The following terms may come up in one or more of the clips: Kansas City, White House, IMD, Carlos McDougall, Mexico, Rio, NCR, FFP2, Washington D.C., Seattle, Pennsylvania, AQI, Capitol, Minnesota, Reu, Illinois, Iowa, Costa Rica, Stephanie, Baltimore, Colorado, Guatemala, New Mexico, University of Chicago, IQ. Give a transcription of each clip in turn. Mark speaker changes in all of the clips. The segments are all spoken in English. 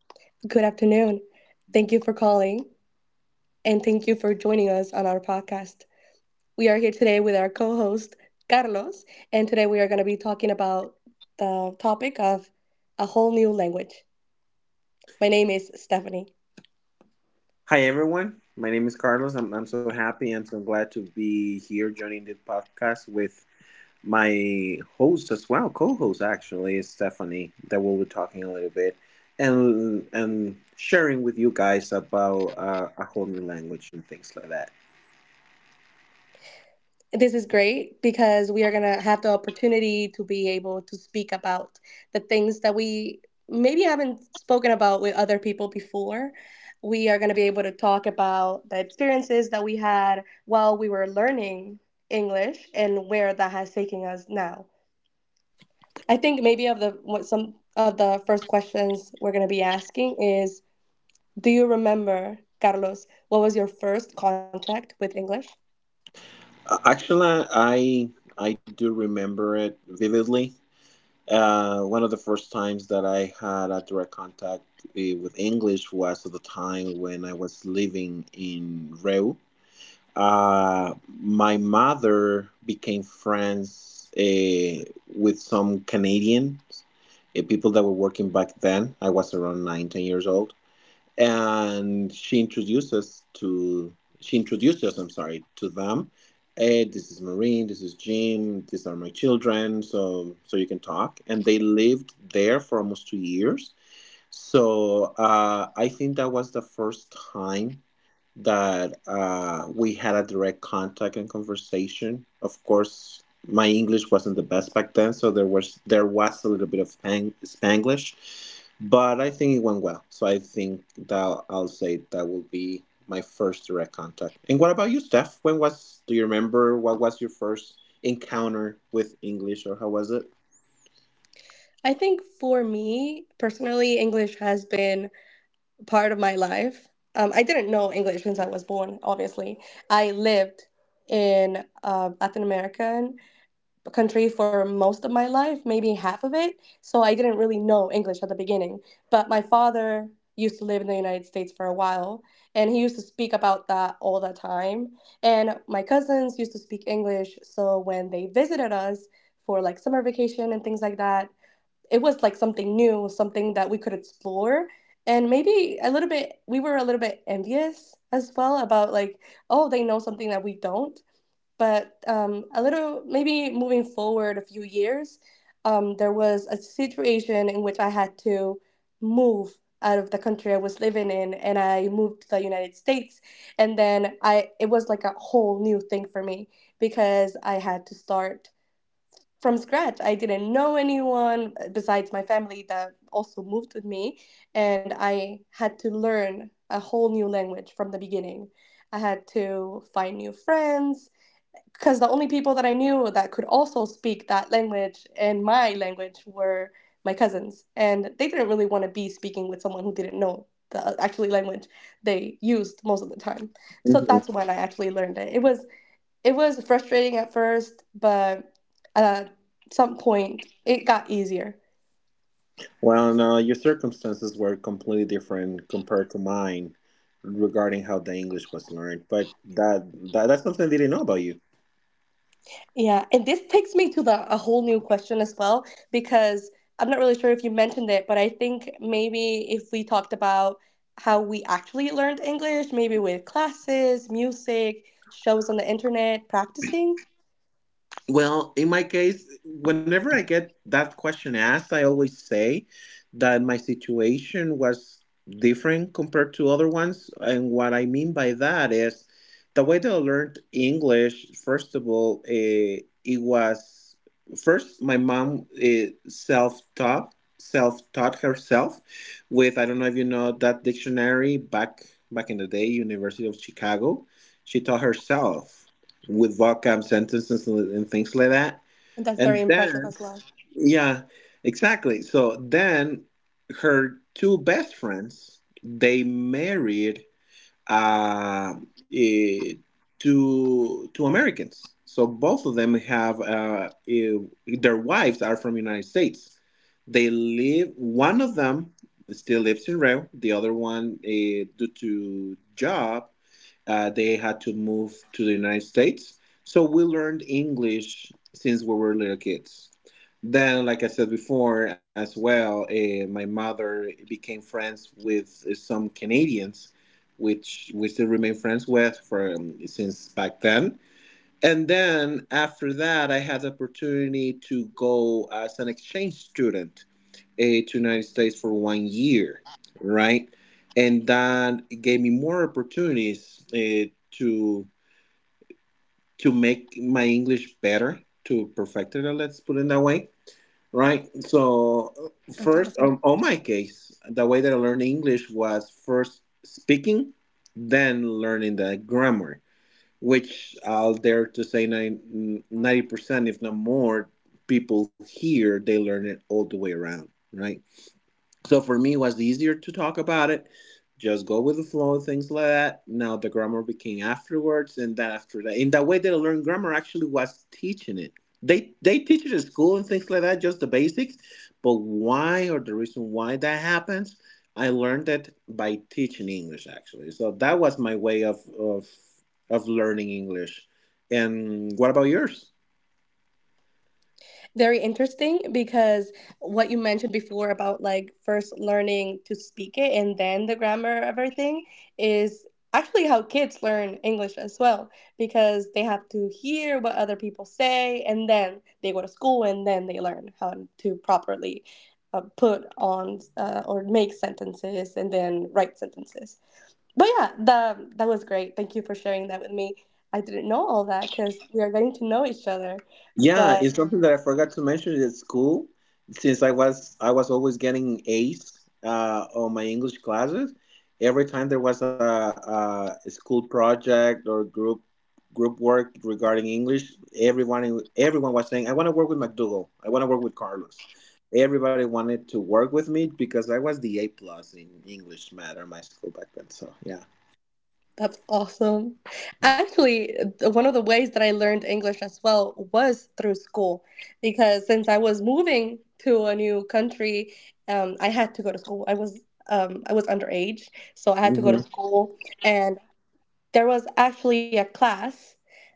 Speaker 1: Good afternoon. Thank you for calling and thank you for joining us on our podcast. We are here today with our co host, Carlos, and today we are going to be talking about the topic of a whole new language. My name is Stephanie.
Speaker 2: Hi everyone, my name is Carlos. I'm so happy and so glad to be here joining this podcast with my host as well, co-host actually, Stephanie, that we'll be talking a little bit and sharing with you guys about a whole new language and things like that.
Speaker 1: This is great because we are going to have the opportunity to be able to speak about the things that we maybe haven't spoken about with other people before. We are going to be able to talk about the experiences that we had while we were learning English and where that has taken us now. I think maybe of the what some of the first questions we're going to be asking is, do you remember, Carlos, what was your first contact with English?
Speaker 2: Actually, I do remember it vividly. One of the first times that I had a direct contact with English was at the time when I was living in Reu. My mother became friends with some Canadians, people that were working back then. I was around nine, 10 years old, and she introduced us. I'm sorry, to them. Hey, this is Marine. This is Jim. These are my children. So you can talk. And they lived there for almost 2 years, so I think that was the first time that we had a direct contact and conversation. Of course, my English wasn't the best back then, so there was a little bit of hang, Spanglish, but I think it went well. So I think that I'll say that will be my first direct contact. And what about you, Steph? When was Do you remember what was your first encounter with English, or how was
Speaker 1: I think for me personally, English has been part of my life. I didn't know English since I was born, obviously. I lived in a Latin American country for most of my life, maybe half of it. So I didn't really know English at the beginning. But my father used to live in the United States for a while, and he used to speak about that all the time. And my cousins used to speak English. So when they visited us for like summer vacation and things like that, it was like something new, something that we could explore. And maybe a little bit, we were a little bit envious as well about like, oh, they know something that we don't. But maybe moving forward a few years, there was a situation in which I had to move out of the country I was living in, and I moved to the United States. And then it was like a whole new thing for me because I had to start from scratch. I didn't know anyone besides my family that also moved with me, and I had to learn a whole new language from the beginning. I had to find new friends because the only people that I knew that could also speak that language and my language were my cousins, and they didn't really want to be speaking with someone who didn't know the actually language they used most of the time. So that's
Speaker 2: it?
Speaker 1: when I actually learned it. It was frustrating at first, but at some point it got easier.
Speaker 2: Well, no, your circumstances were completely different compared to mine regarding how the English was learned, but that's something I didn't know about you.
Speaker 1: Yeah, and this takes me to a whole new question as well because I'm not really sure if you mentioned it, but I think maybe if we talked about how we actually learned English, maybe with classes, music, shows on the internet, practicing,
Speaker 2: Well, in my case, whenever I get that question asked, I always say that my situation was different compared to other ones. And what I mean by that is the way that I learned English, first of all, it was first my mom self-taught, self-taught herself with, I don't know if you know that dictionary back in the day, University of Chicago. She taught herself with vocab sentences and things like that.
Speaker 1: that's very
Speaker 2: And
Speaker 1: impressive
Speaker 2: then,
Speaker 1: as well.
Speaker 2: yeah, exactly. So then her two best friends, they married uh, eh, to Americans. So both of them have their wives are from the United States. They live. One of them still lives in Rio. The other one, due to job, they had to move to the United States. So we learned English since we were little kids. Then, like I said before, as well, my mother became friends with some Canadians, which we still remain friends with from since back then. And then after that, I had the opportunity to go as an exchange student to the United States for 1 year, right? And that gave me more opportunities to to make my English better, to perfect it. Let's put it that way. Right. So
Speaker 1: That's
Speaker 2: first,
Speaker 1: awesome.
Speaker 2: on my case, the way that I learned English was first speaking, then learning the grammar, which I'll dare to say 90%, if not more, people here they learn it all the way around. Right. So for me, it was easier to talk about it. Just go with the flow and things like that. Now the grammar became afterwards, and then after that, in that way that I learned grammar actually was teaching it. They teach it at school and things like that, just the basics. But why or the reason why that happens, I learned it by teaching English actually. So that was my way of of learning English. And what about yours?
Speaker 1: Very interesting because what you mentioned before about like first learning to speak it and then the grammar of everything is actually how kids learn English as well, because they have to hear what other people say, and then they go to school and then they learn how to properly put on or make sentences and then write sentences. But yeah, that was great. Thank you for sharing that with me. I didn't know all that because we are getting to know each other.
Speaker 2: Yeah,
Speaker 1: But
Speaker 2: it's something that I forgot to mention at school. Since I was always getting A's on my English classes, every time there was a school project or group work regarding English, everyone was saying, "I want to work with McDougall. I want to work with Carlos." Everybody wanted to work with me because I was the A plus in English math at my school back then. So yeah.
Speaker 1: that's awesome. Actually, one of the ways that I learned English as well was through school, because since I was moving to a new country, I had to go to school. I was underage, so I had to go
Speaker 2: Hmm.
Speaker 1: to school, and there was actually a class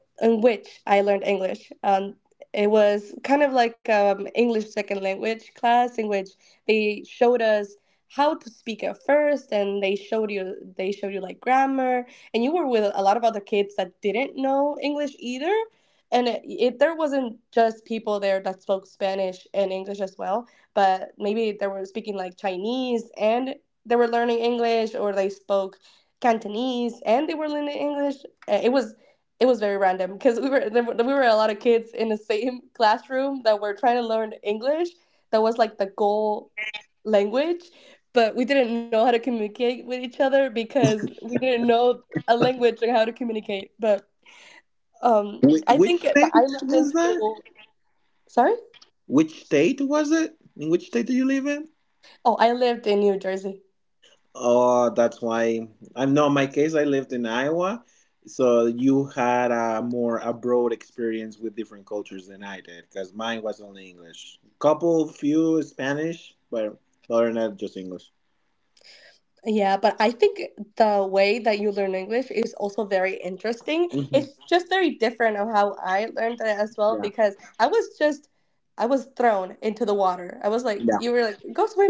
Speaker 1: in which I learned English. It was kind of like English second language class in which they showed us how to speak at first, and they showed you like grammar, and you were with a lot of other kids that didn't know English either. And there wasn't just people there that spoke Spanish and English as well, but maybe they were speaking like Chinese and they were learning English, or they spoke Cantonese and they were learning English. Uh, It was it was very random because we were a lot of kids in the same classroom that were trying to learn English. That was like the goal language, but we didn't know how to communicate with each other because we didn't know a language and how to communicate. But I
Speaker 2: Which
Speaker 1: think that I
Speaker 2: state
Speaker 1: lived in
Speaker 2: was that?
Speaker 1: school. Sorry?
Speaker 2: Which state was it? In which state do you live in?
Speaker 1: Oh, I lived in New Jersey.
Speaker 2: Oh, that's why. I know in my case I lived in Iowa, so you had a more abroad experience with different cultures than I did because mine was only English. Couple few Spanish, but other than that, just English.
Speaker 1: Yeah, but I think the way that you learn English is also very interesting.
Speaker 2: Hmm.
Speaker 1: It's just very different of how I learned it as well
Speaker 2: Yeah,
Speaker 1: because I was thrown into the water. I was like,
Speaker 2: yeah.
Speaker 1: you were like, go swim,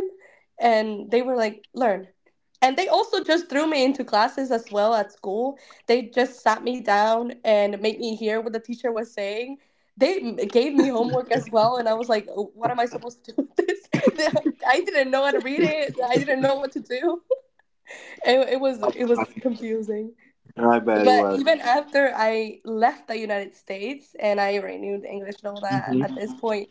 Speaker 1: and they were like, learn. And they also just threw me into classes as well at school. They just sat me down and made me hear what the teacher was saying. They gave me homework as well, and I was like, "Oh, what am I supposed to do with this? I didn't know how to read it. I didn't know what to do it was
Speaker 2: That's funny.
Speaker 1: confusing."
Speaker 2: I bet it
Speaker 1: But
Speaker 2: was.
Speaker 1: even after I left the United States and I renewed English and all that,
Speaker 2: Hmm.
Speaker 1: at this point,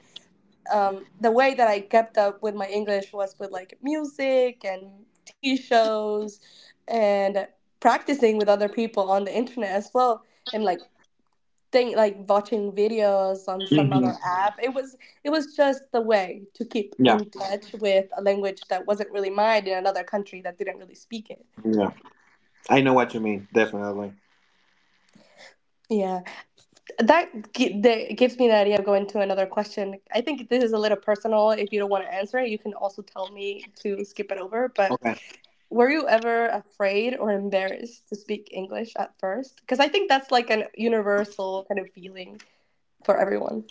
Speaker 1: the way that I kept up with my English was with like music and TV shows and practicing with other people on the internet as well, and like thing like watching videos on some
Speaker 2: Hmm.
Speaker 1: other app. It was just the way to keep
Speaker 2: Yeah,
Speaker 1: in touch with a language that wasn't really mine in another country that didn't really speak it.
Speaker 2: yeah. I know what you mean. Definitely.
Speaker 1: Yeah, that gives me the idea of going to another question. I think this is a little personal. If you don't want to answer it, you can also tell me to skip it over. But
Speaker 2: Okay.
Speaker 1: were you ever afraid or embarrassed to speak English at first? Because I think that's like an universal kind of feeling for everyone.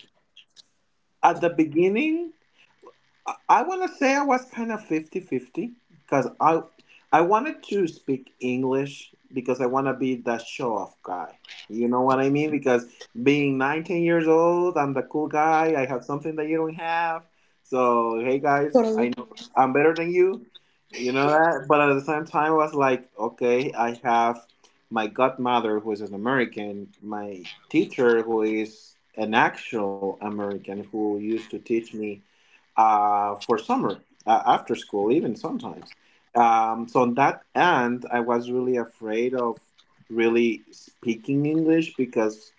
Speaker 2: At the beginning, I want to say I was kind of 50-50 because I wanted to speak English because I want to be that show-off guy. You know what I mean? Because being 19 years old, I'm the cool guy. I have something that you don't have. So, hey guys, I
Speaker 1: Totally.
Speaker 2: know I'm better than you. You know that? But at the same time, I was like, okay, I have my godmother who is an American, my teacher who is an actual American who used to teach me for summer after school, even sometimes. So on that end, I was really afraid of really speaking English because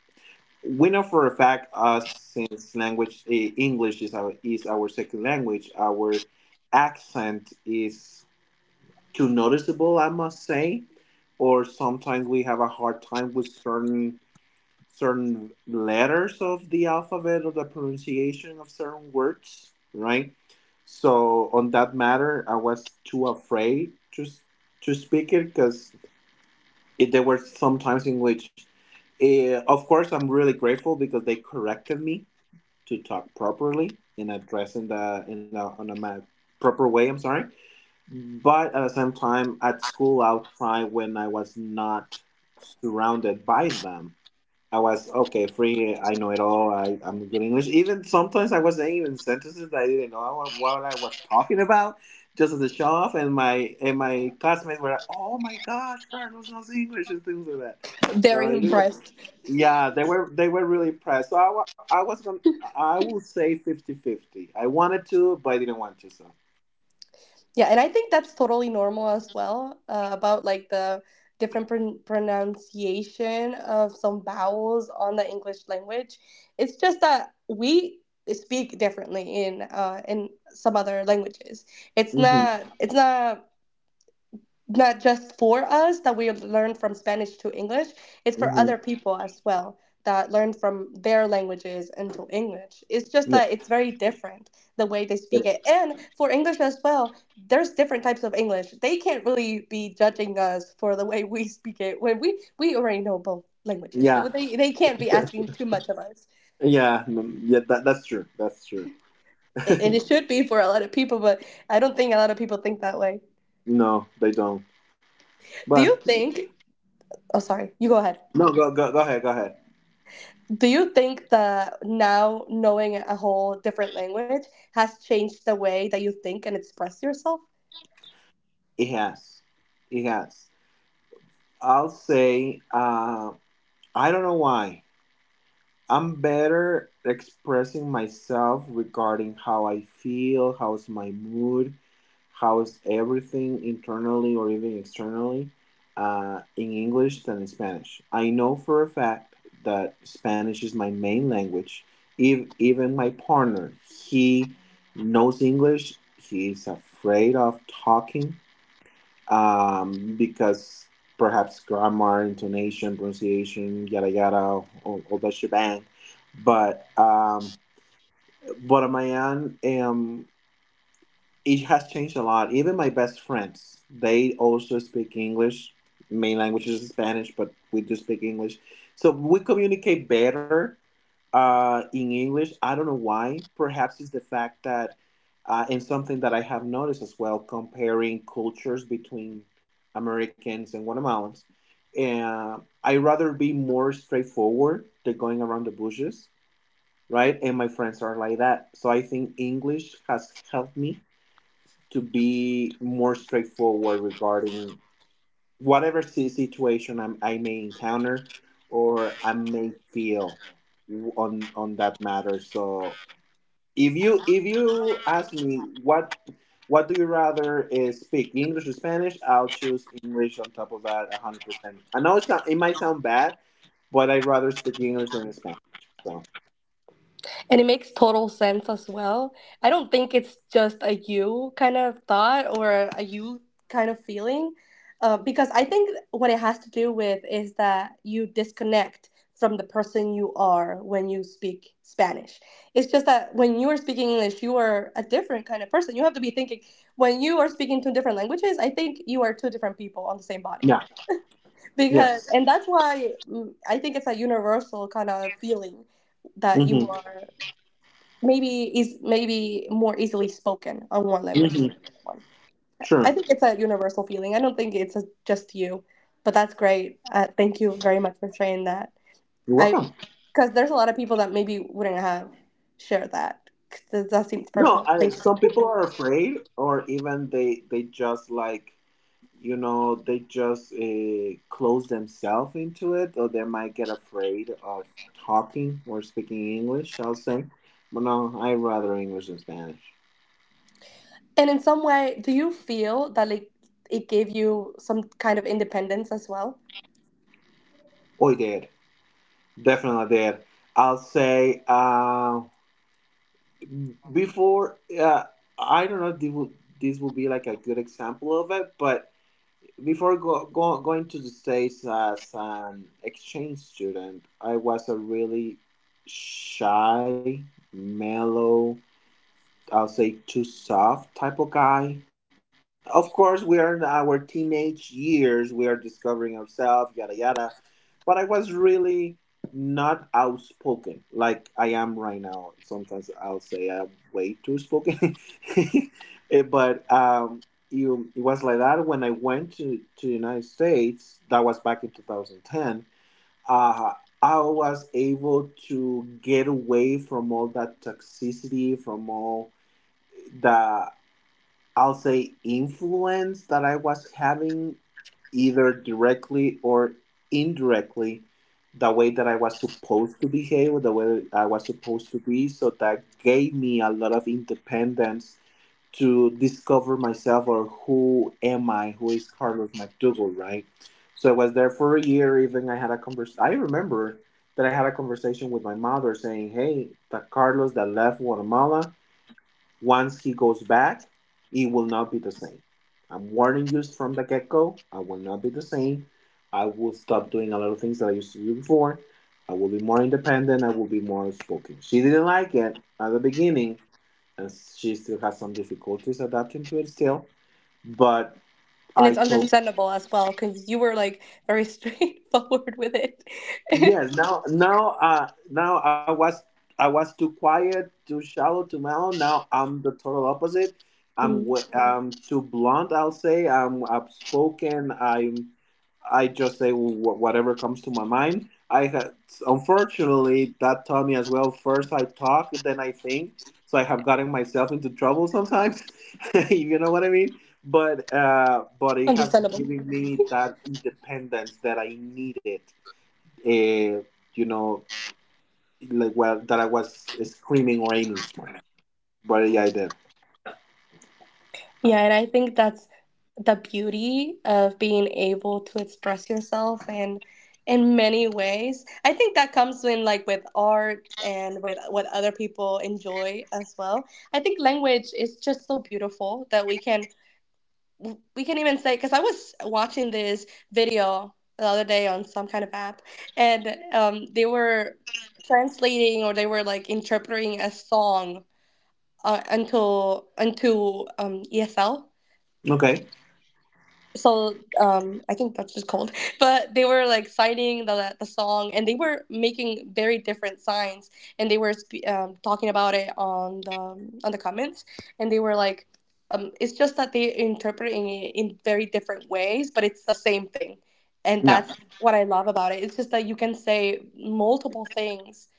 Speaker 2: we know for a fact us since language English is our second language, our accent is too noticeable, I must say, or sometimes we have a hard time with certain letters of the alphabet or the pronunciation of certain words, right? So on that matter, I was too afraid to speak it because there were some times in which, of course, I'm really grateful because they corrected me to talk properly and address in the in a on a proper way. I'm sorry, but at the same time, at school outside when I was not surrounded by them, I was okay, free. I know it all. I'm good English. Even sometimes I was saying even sentences that I didn't know what, I was talking about, just as a show off. And my classmates were like, "Oh my gosh, Carlos knows English" and things like that. So
Speaker 1: Very
Speaker 2: it was
Speaker 1: impressed.
Speaker 2: yeah, they were really impressed. So I, I was going to I will say 50 50. I wanted to, but I didn't want to. So
Speaker 1: Yeah, and I think that's totally normal as well, about like the different pronunciation of some vowels on the English language. It's just that we speak differently in some other languages. It's
Speaker 2: hmm
Speaker 1: not it's not not just for us that we learn from Spanish to English, it's for
Speaker 2: hmm
Speaker 1: other people as well that learn from their languages into English. It's just
Speaker 2: yeah,
Speaker 1: that it's very different the way they speak it. And for English as well, there's different types of English. They can't really be judging us for the way we speak it when we already know both languages. So
Speaker 2: yeah,
Speaker 1: they can't be asking too much of us.
Speaker 2: yeah, mm, yeah. That's true. That's true.
Speaker 1: And it should be for a lot of people, but I don't think a lot of people think that way.
Speaker 2: No, they don't.
Speaker 1: Do
Speaker 2: But
Speaker 1: you think— Oh, sorry. You go ahead.
Speaker 2: no, go ahead. Go ahead.
Speaker 1: Do you think that now knowing a whole different language has changed the way that you think and express yourself?
Speaker 2: It has. It has. I'll say, I don't know why. I'm better expressing myself regarding how I feel, how's my mood, how's everything internally or even externally in English than in Spanish. I know for a fact that Spanish is my main language. If, even my partner, he knows English. He is afraid of talking because perhaps grammar, intonation, pronunciation, yada yada, all that shebang. But on my end, it has changed a lot. Even my best friends, they also speak English. Main language is Spanish, but we do speak English. So we communicate better in English. I don't know why. Perhaps it's the fact that, and something that I have noticed as well, comparing cultures between Americans and Guatemalans. And I rather be more straightforward than going around the bushes, right? And my friends are like that. So I think English has helped me to be more straightforward regarding whatever situation I may encounter or I may feel on that matter. So if you ask me what do you rather speak English or Spanish, I'll choose English. On top of that, 100%. I know it sound, it might sound bad, but I'd rather speak English than Spanish. So
Speaker 1: And it makes total sense as well. I don't think it's just a you kind of thought or a you kind of feeling, because I think what it has to do with is that you disconnect from the person you are when you speak Spanish. It's just that when you are speaking English, you are a different kind of person. You have to be thinking when you are speaking two different languages. I think you are two different people on the same body
Speaker 2: yeah, yes,
Speaker 1: because, and that's why I think it's a universal kind of feeling that you—
Speaker 2: mm-hmm,
Speaker 1: Mhm. are maybe— is maybe more easily spoken on one language than
Speaker 2: mm-hmm.
Speaker 1: another one. I
Speaker 2: Sure.
Speaker 1: think it's a universal feeling. I don't think it's a, just you, but that's great. Thank you very much for sharing that.
Speaker 2: You're
Speaker 1: I
Speaker 2: welcome.
Speaker 1: because there's a lot of people that maybe wouldn't have shared that because that seems
Speaker 2: No,
Speaker 1: personal.
Speaker 2: I,
Speaker 1: Thank
Speaker 2: some
Speaker 1: you.
Speaker 2: people are afraid, or even they just like they just close themselves into it, or they might get afraid of talking or speaking English. I'll say, but no, I rather English than Spanish.
Speaker 1: And in some way, do you feel that like it gave you some kind of independence as well?
Speaker 2: Oh, did definitely did. I'll say before. I don't know. If this will, this will be like a good example of it, but before going to the States as an exchange student, I was a really shy, mellow, I'll say too soft type of guy. Of course, we are in our teenage years. We are discovering ourselves, yada yada. But I was really not outspoken like I am right now. Sometimes I'll say I'm way too spoken. Eh, but um, it was like that when I went to the United States. That was back in 2010. Uh, I was able to get away from all that toxicity, from all the I'll say influence that I was having either directly or indirectly the way that I was supposed to behave or the way I was supposed to be, so that gave me a lot of independence to discover myself or who am I, who is Carlos McDougall, right? So I was there for a year. Even I had a convers. I remember that I had a conversation with my mother saying, "Hey, the Carlos that left Guatemala, once he goes back, it will not be the same. I'm warning you from the get go. I will not be the same. I will stop doing a lot of things that I used to do before. I will be more independent. I will be more outspoken." She didn't like it at the beginning, and she still has some difficulties adapting to it still. But
Speaker 1: And
Speaker 2: I
Speaker 1: it's
Speaker 2: told,
Speaker 1: understandable as well because you were like very straightforward with it.
Speaker 2: yes, now I was too quiet, too shallow, too mellow. Now I'm the total opposite.
Speaker 1: Mm,
Speaker 2: I'm too blunt. I'll say I'm outspoken. I just say whatever comes to my mind. I had, unfortunately that taught me as well. First I talk, then I think. So I have gotten myself into trouble sometimes. You know what I mean? But it has
Speaker 1: Understandable.
Speaker 2: given me that independence that I needed, uh, you know, like what that I was screaming or aiming for. But yeah, I did.
Speaker 1: Yeah, and I think that's the beauty of being able to express yourself in many ways. I think that comes in like with art and with what other people enjoy as well. I think language is just so beautiful that we can even say because I was watching this video the other day on some kind of app and they were translating or they were like interpreting a song until ESL
Speaker 2: Okay.
Speaker 1: so I think that's just cold but they were like citing the song and they were making very different signs and they were talking about it on the comments and they were like it's just that they interpreting it in very different ways, but it's the same thing. And
Speaker 2: Yeah.
Speaker 1: that's what I love about it. It's just that you can say multiple things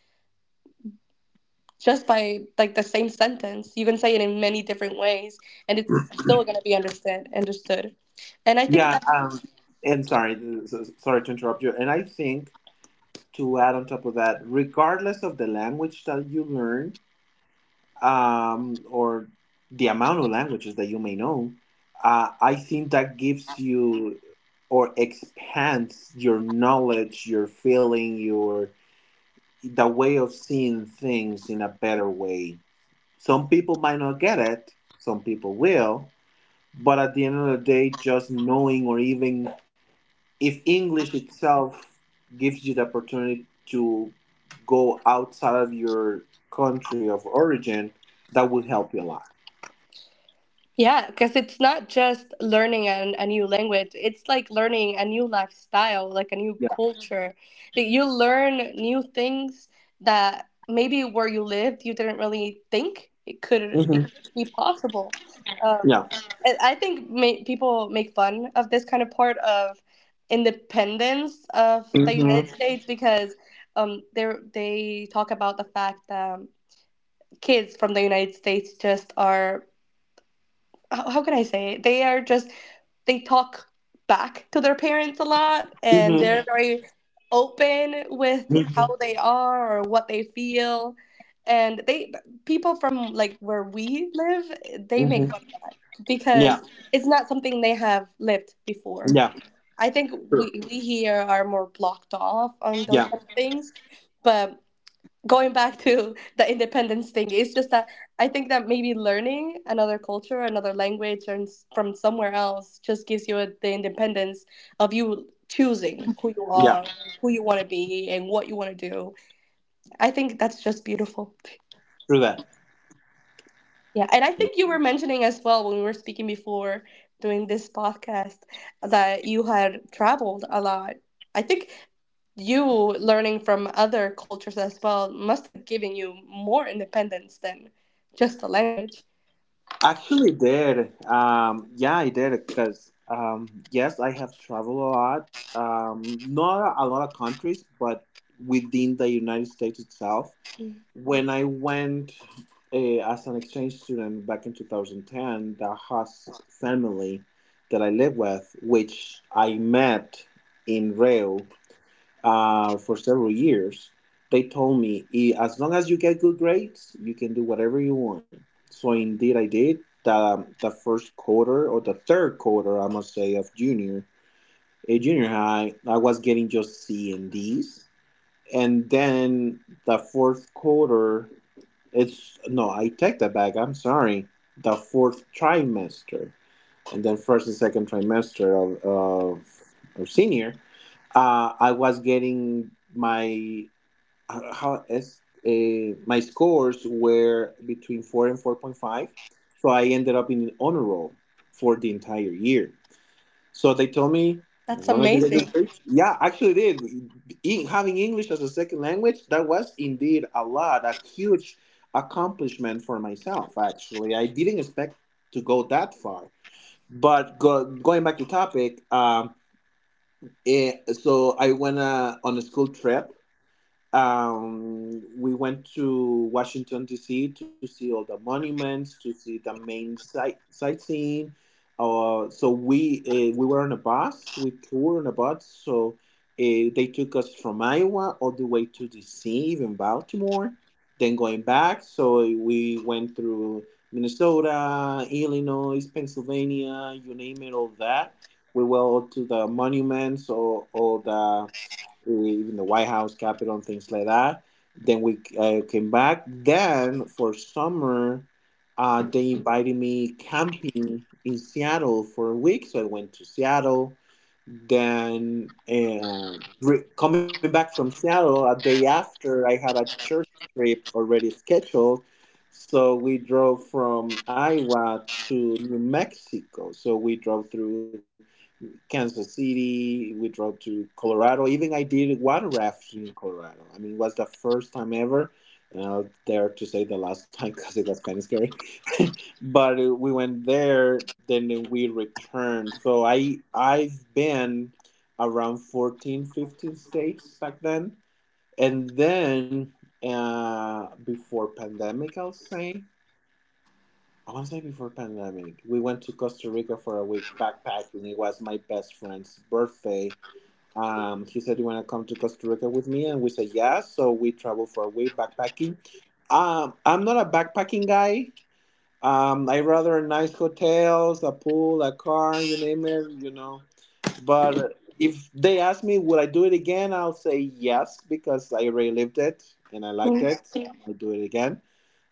Speaker 1: just by like the same sentence. You can say it in many different ways and it's still going to be understand understood. And I think
Speaker 2: Yeah. And sorry to interrupt you. And I think to add on top of that, regardless of the language that you learn, or the amount of languages that you may know, I think that gives you or expands your knowledge, your feeling, your the way of seeing things in a better way. Some people might not get it, some people will, but at the end of the day, just knowing, or even if English itself gives you the opportunity to go outside of your country of origin, that will help you a lot.
Speaker 1: yeah, because it's not just learning a new language, it's like learning a new lifestyle, like a new
Speaker 2: Yeah.
Speaker 1: culture. That you learn new things that maybe where you lived you didn't really think it could it
Speaker 2: Hmm.
Speaker 1: could be possible. Um,
Speaker 2: Yeah.
Speaker 1: and I think people make fun of this kind of part of independence of the
Speaker 2: Hmm.
Speaker 1: United Mhm. States because um, they they talk about the fact that kids from the United States just are how can I say it? They are just they talk back to their parents a lot and
Speaker 2: Hmm.
Speaker 1: they're Mhm. very open with how
Speaker 2: Hmm.
Speaker 1: they are or what they feel and they people from like where we live, they make fun
Speaker 2: Hmm.
Speaker 1: of that
Speaker 2: Yeah.
Speaker 1: because it's not something they have lived before.
Speaker 2: Yeah.
Speaker 1: I think
Speaker 2: True.
Speaker 1: we here are more blocked off on those
Speaker 2: Yeah.
Speaker 1: kind of things. But going back to the independence thing, it's just that I think that maybe learning another culture, another language, and from somewhere else just gives you the independence of you choosing who you are,
Speaker 2: Yeah.
Speaker 1: who you want to be, and what you want to do. I think that's just beautiful.
Speaker 2: True that.
Speaker 1: Yeah, and I think you were mentioning as well when we were speaking before doing this podcast that you had traveled a lot. I think you learning from other cultures as well must have given you more independence than just the language.
Speaker 2: Actually, did yeah, I did because yes, I have traveled a lot. Not a lot of countries, but within the United States itself.
Speaker 1: Mm.
Speaker 2: When I went as an exchange student back in 2010, the host family that I live with, which I met in Rio, for several years, they told me, as long as you get good grades, you can do whatever you want. So indeed, I did. The first quarter, or the third quarter, I must say, of junior a junior high, I was getting just C and D's, and then the fourth quarter, it's no, I take that back. I'm sorry. The fourth trimester, and then first and second trimester of senior, I was getting my how is my scores were between 4 and 4.5, so I ended up in an honor roll for the entire year. So they told me, as
Speaker 1: That's
Speaker 2: long as you get the
Speaker 1: amazing.
Speaker 2: grades, yeah, actually it did. Having English as a second language, that was indeed a lot, a huge accomplishment for myself. Actually, I didn't expect to go that far, but going back to topic, so I went on a school trip, we went to Washington D.C. to see all the monuments, to see the main sightseeing. So we were on a bus. We toured on a bus. So they took us from Iowa all the way to D.C., even Baltimore, then going back. So we went through Minnesota, Illinois, Pennsylvania, you name it, all that. We went all to the monuments, or all the, in the White House, Capitol, and things like that. Then we came back. Then for summer, they invited me camping in Seattle for a week. So I went to Seattle. Then coming back from Seattle, a day after, I had a church trip already scheduled. So we drove from Iowa to New Mexico. So we drove through Kansas City, we drove to Colorado. Even I did water rafting in Colorado. I mean, it was the first time ever. And I'll dare to say the last time because it was kind of scary. But we went there, then we returned. So I've been around 14, 15 states back then, and then before pandemic, I'll say. I want to say before pandemic, we went to Costa Rica for a week backpacking. It was my best friend's birthday. He said, "You want to come to Costa Rica with me?" And we said, "Yes." So we traveled for a week backpacking. I'm not a backpacking guy. I rather nice hotels, a pool, a car, you name it. But if they ask me, would I do it again? I'll say yes because I already lived it and I liked
Speaker 1: Mm.
Speaker 2: it. Yeah. I'll do it again.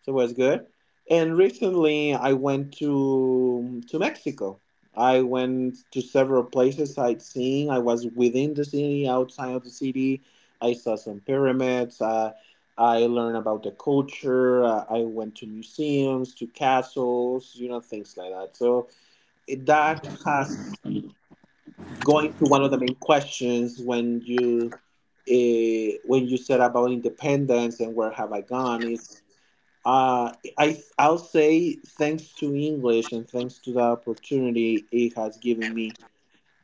Speaker 2: So it was good. And recently, I went to Mexico. I went to several places sightseeing. I was within the city, outside of the city. I saw some pyramids. I learned about the culture. I went to museums, to castles, you know, things like that. So it, that has going to one of the main questions when you said about independence, and where have I gone is, uh, I'll say, thanks to English and thanks to the opportunity it has given me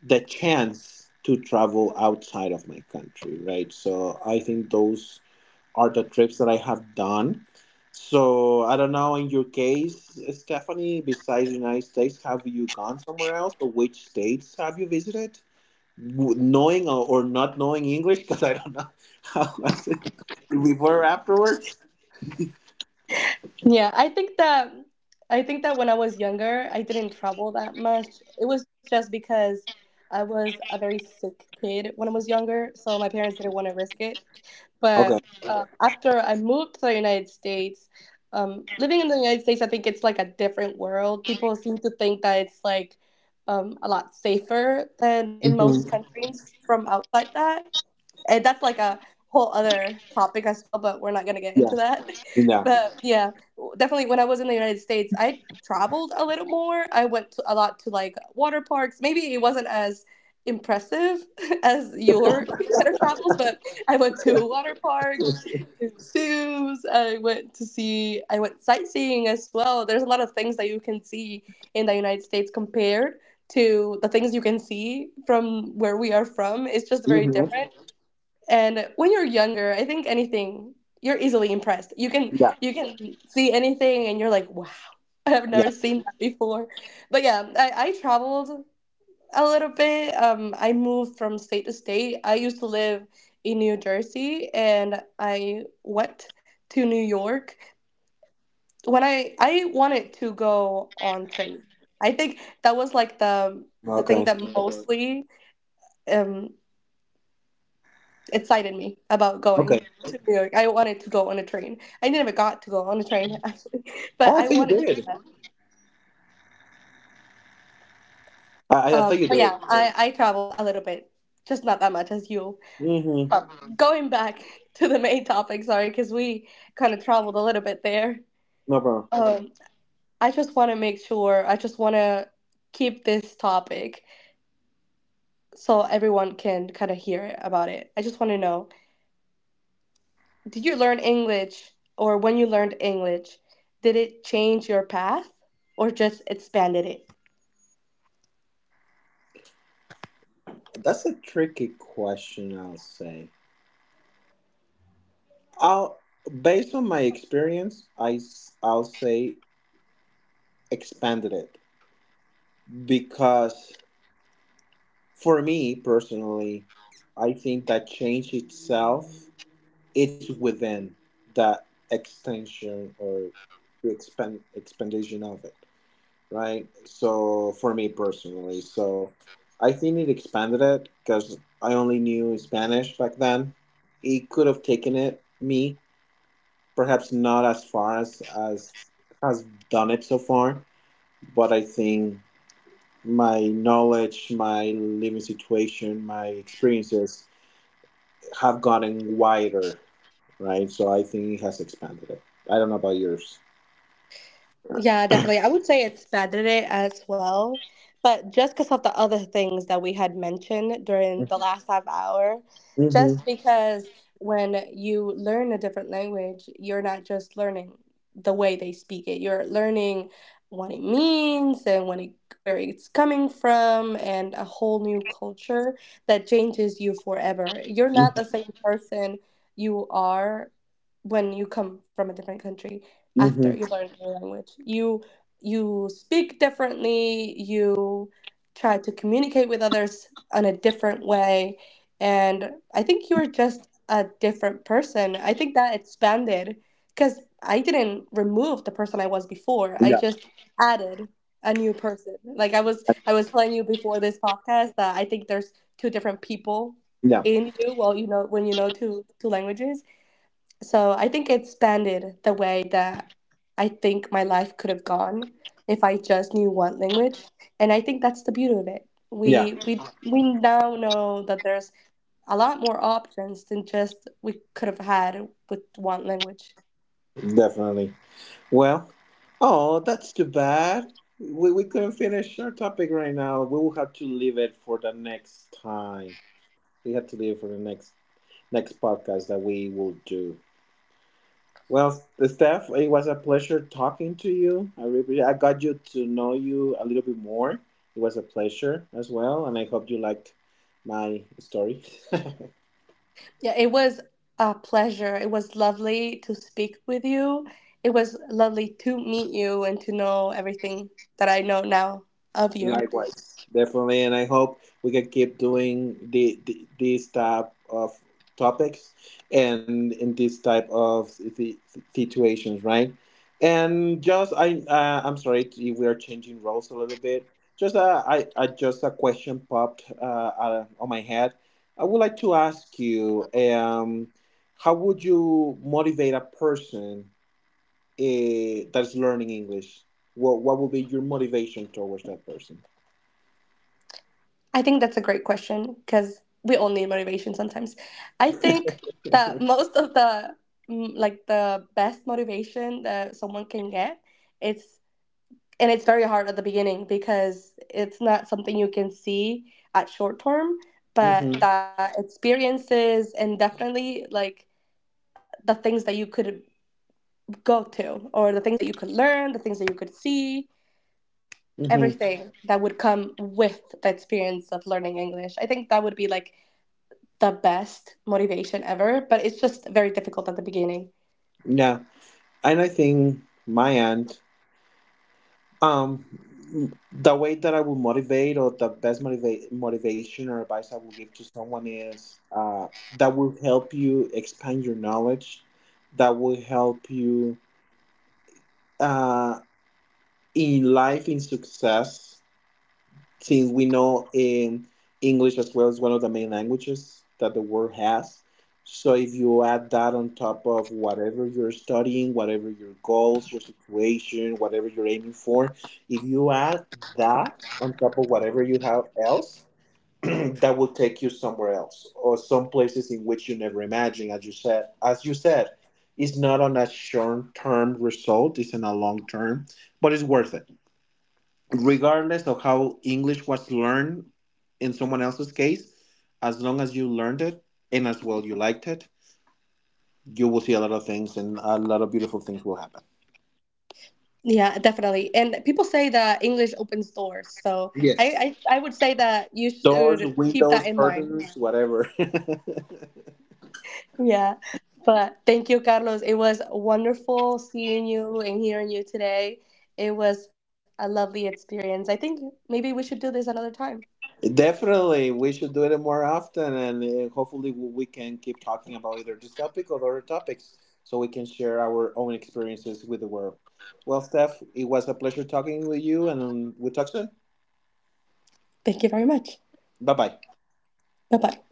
Speaker 2: the chance to travel outside of my country, right? So I think those auto trips that I have done. So I don't know. In your case, Stephanie, besides the United States, have you gone somewhere else, or which states have you visited? Knowing or not knowing English, because I don't know how was it before or afterwards.
Speaker 1: Yeah, I think that when I was younger, I didn't travel that much. It was just because I was a very sick kid when I was younger, so my parents didn't want to risk it. But
Speaker 2: Okay.
Speaker 1: after I moved to the United States, living in the United States, I think it's like a different world. People seem to think that it's like a lot safer than in
Speaker 2: Hmm.
Speaker 1: most countries from outside that, and that's like a whole other topic as well, but we're not going to get into
Speaker 2: Yeah.
Speaker 1: that.
Speaker 2: Yeah.
Speaker 1: But yeah, definitely when I was in the United States, I traveled a little more. I went to, a lot to like water parks. Maybe it wasn't as impressive as your kind of travels, but I went to water parks, to zoos, I went to see, I went sightseeing as well. There's a lot of things that you can see in the United States compared to the things you can see from where we are from. It's just very
Speaker 2: Hmm.
Speaker 1: different. And when you're younger, I think anything you're easily impressed. You can
Speaker 2: Yeah.
Speaker 1: you can see anything and you're like, wow, I've
Speaker 2: Yeah.
Speaker 1: never seen that before. But yeah, I traveled a little bit. I moved from state to state. I used to live in New Jersey and I went to New York when I wanted to go on train. I think that was like the thing that
Speaker 2: Okay.
Speaker 1: Mhm. mostly um excited me about going
Speaker 2: Okay.
Speaker 1: to New York. I wanted to go on a train. I never got to go on a train actually, but
Speaker 2: Oh, I
Speaker 1: I
Speaker 2: thought you
Speaker 1: wanted to do
Speaker 2: did.
Speaker 1: that.
Speaker 2: I thought you
Speaker 1: But
Speaker 2: did.
Speaker 1: yeah, I traveled a little bit, just not that much as you.
Speaker 2: Hmm.
Speaker 1: But going back to the main topic, sorry, because we kind of traveled a little bit there.
Speaker 2: No problem.
Speaker 1: Um, I just want to make sure. I just want to keep this topic so everyone can kind of hear about it. I just want to know, did you learn English or when you learned English, did it change your path or just expanded it?
Speaker 2: That's a tricky question, I'll say. I'll, based on my experience, I'll say expanded it, because for me personally, I think that change itself is within that extension or the expand expansion of it, right? So for me personally, so I think it expanded it because I only knew Spanish back then. It could have taken it me perhaps not as far as has done it so far, but I think my knowledge, my living situation, my experiences have gotten wider, right? So I think it has expanded it. I don't know about yours.
Speaker 1: Yeah, definitely. I would say it's Saturday as well. But just because of the other things that we had mentioned during the last half hour,
Speaker 2: Mm-hmm.
Speaker 1: just because when you learn a different language, you're not just learning the way they speak it, you're learning what it means and when it, where it's coming from, and a whole new culture that changes you forever. You're not the same person you are when you come from a different country after
Speaker 2: Mm-hmm.
Speaker 1: you learn a new language. You speak differently, you try to communicate with others in a different way, and I think you are just a different person. I think that expanded because I didn't remove the person I was before. I
Speaker 2: Yeah.
Speaker 1: just added a new person. Like I was telling you before this podcast that I think there's two different people
Speaker 2: Yeah.
Speaker 1: in you, well, you know, when you know two languages, so I think it expanded the way that I think my life could have gone if I just knew one language. And I think that's the beauty of it.
Speaker 2: Yeah.
Speaker 1: We now know that there's a lot more options than just we could have had with one language.
Speaker 2: Definitely. Well, oh, that's too bad. We couldn't finish our topic right now. We will have to leave it for the next time. We have to leave it for the next podcast that we will do. Well, Steph, it was a pleasure talking to you. I really, I got you to know you a little bit more. It was a pleasure as well, and I hope you liked my story.
Speaker 1: Yeah, it was a pleasure. It was lovely to speak with you. It was lovely to meet you and to know everything that I know now of you.
Speaker 2: Likewise, definitely, and I hope we can keep doing the this type of topics, and in this type of situations, right? And just I, I'm sorry if we are changing roles a little bit. Just I just a question popped on my head. I would like to ask you, how would you motivate a person that's learning English? What would be your motivation towards that person?
Speaker 1: I think that's a great question because we all need motivation sometimes. I think that most of the like the best motivation that someone can get, it's and it's very hard at the beginning because it's not something you can see at short term, but
Speaker 2: Mm-hmm.
Speaker 1: the experiences and definitely like the things that you could go to or the things that you could learn, the things that you could see,
Speaker 2: Mm-hmm.
Speaker 1: everything that would come with the experience of learning English. I think that would be like the best motivation ever, but it's just very difficult at the beginning.
Speaker 2: Yeah. And I think my end, um, the way that I will motivate, or the best motivate motivation or advice I will give to someone, is that will help you expand your knowledge, that will help you uh, in life, in success. Since we know in English as well is one of the main languages that the world has. So if you add that on top of whatever you're studying, whatever your goals, your situation, whatever you're aiming for, if you add that on top of whatever you have else, that will take you somewhere else, or some places in which you never imagined, as you said. As you said, it's not on a short term result, it's on a long term, but it's worth it regardless of how English was learned in someone else's case. As long as you learned it and as well you liked it, you will see a lot of things, and a lot of beautiful things will happen.
Speaker 1: Yeah, definitely. And people say that English opens doors, so I
Speaker 2: Yes.
Speaker 1: I would say that you
Speaker 2: Doors,
Speaker 1: should keep that
Speaker 2: windows,
Speaker 1: in mind.
Speaker 2: curtains, whatever.
Speaker 1: Yeah. But thank you, Carlos. It was wonderful seeing you and hearing you today. It was a lovely experience. I think maybe we should do this another time.
Speaker 2: Definitely, we should do it more often, and hopefully, we can keep talking about either this topic or other topics so we can share our own experiences with the world. Well, Steph, it was a pleasure talking with you, and we'll talk soon.
Speaker 1: Thank you very much.
Speaker 2: Bye bye.
Speaker 1: Bye bye.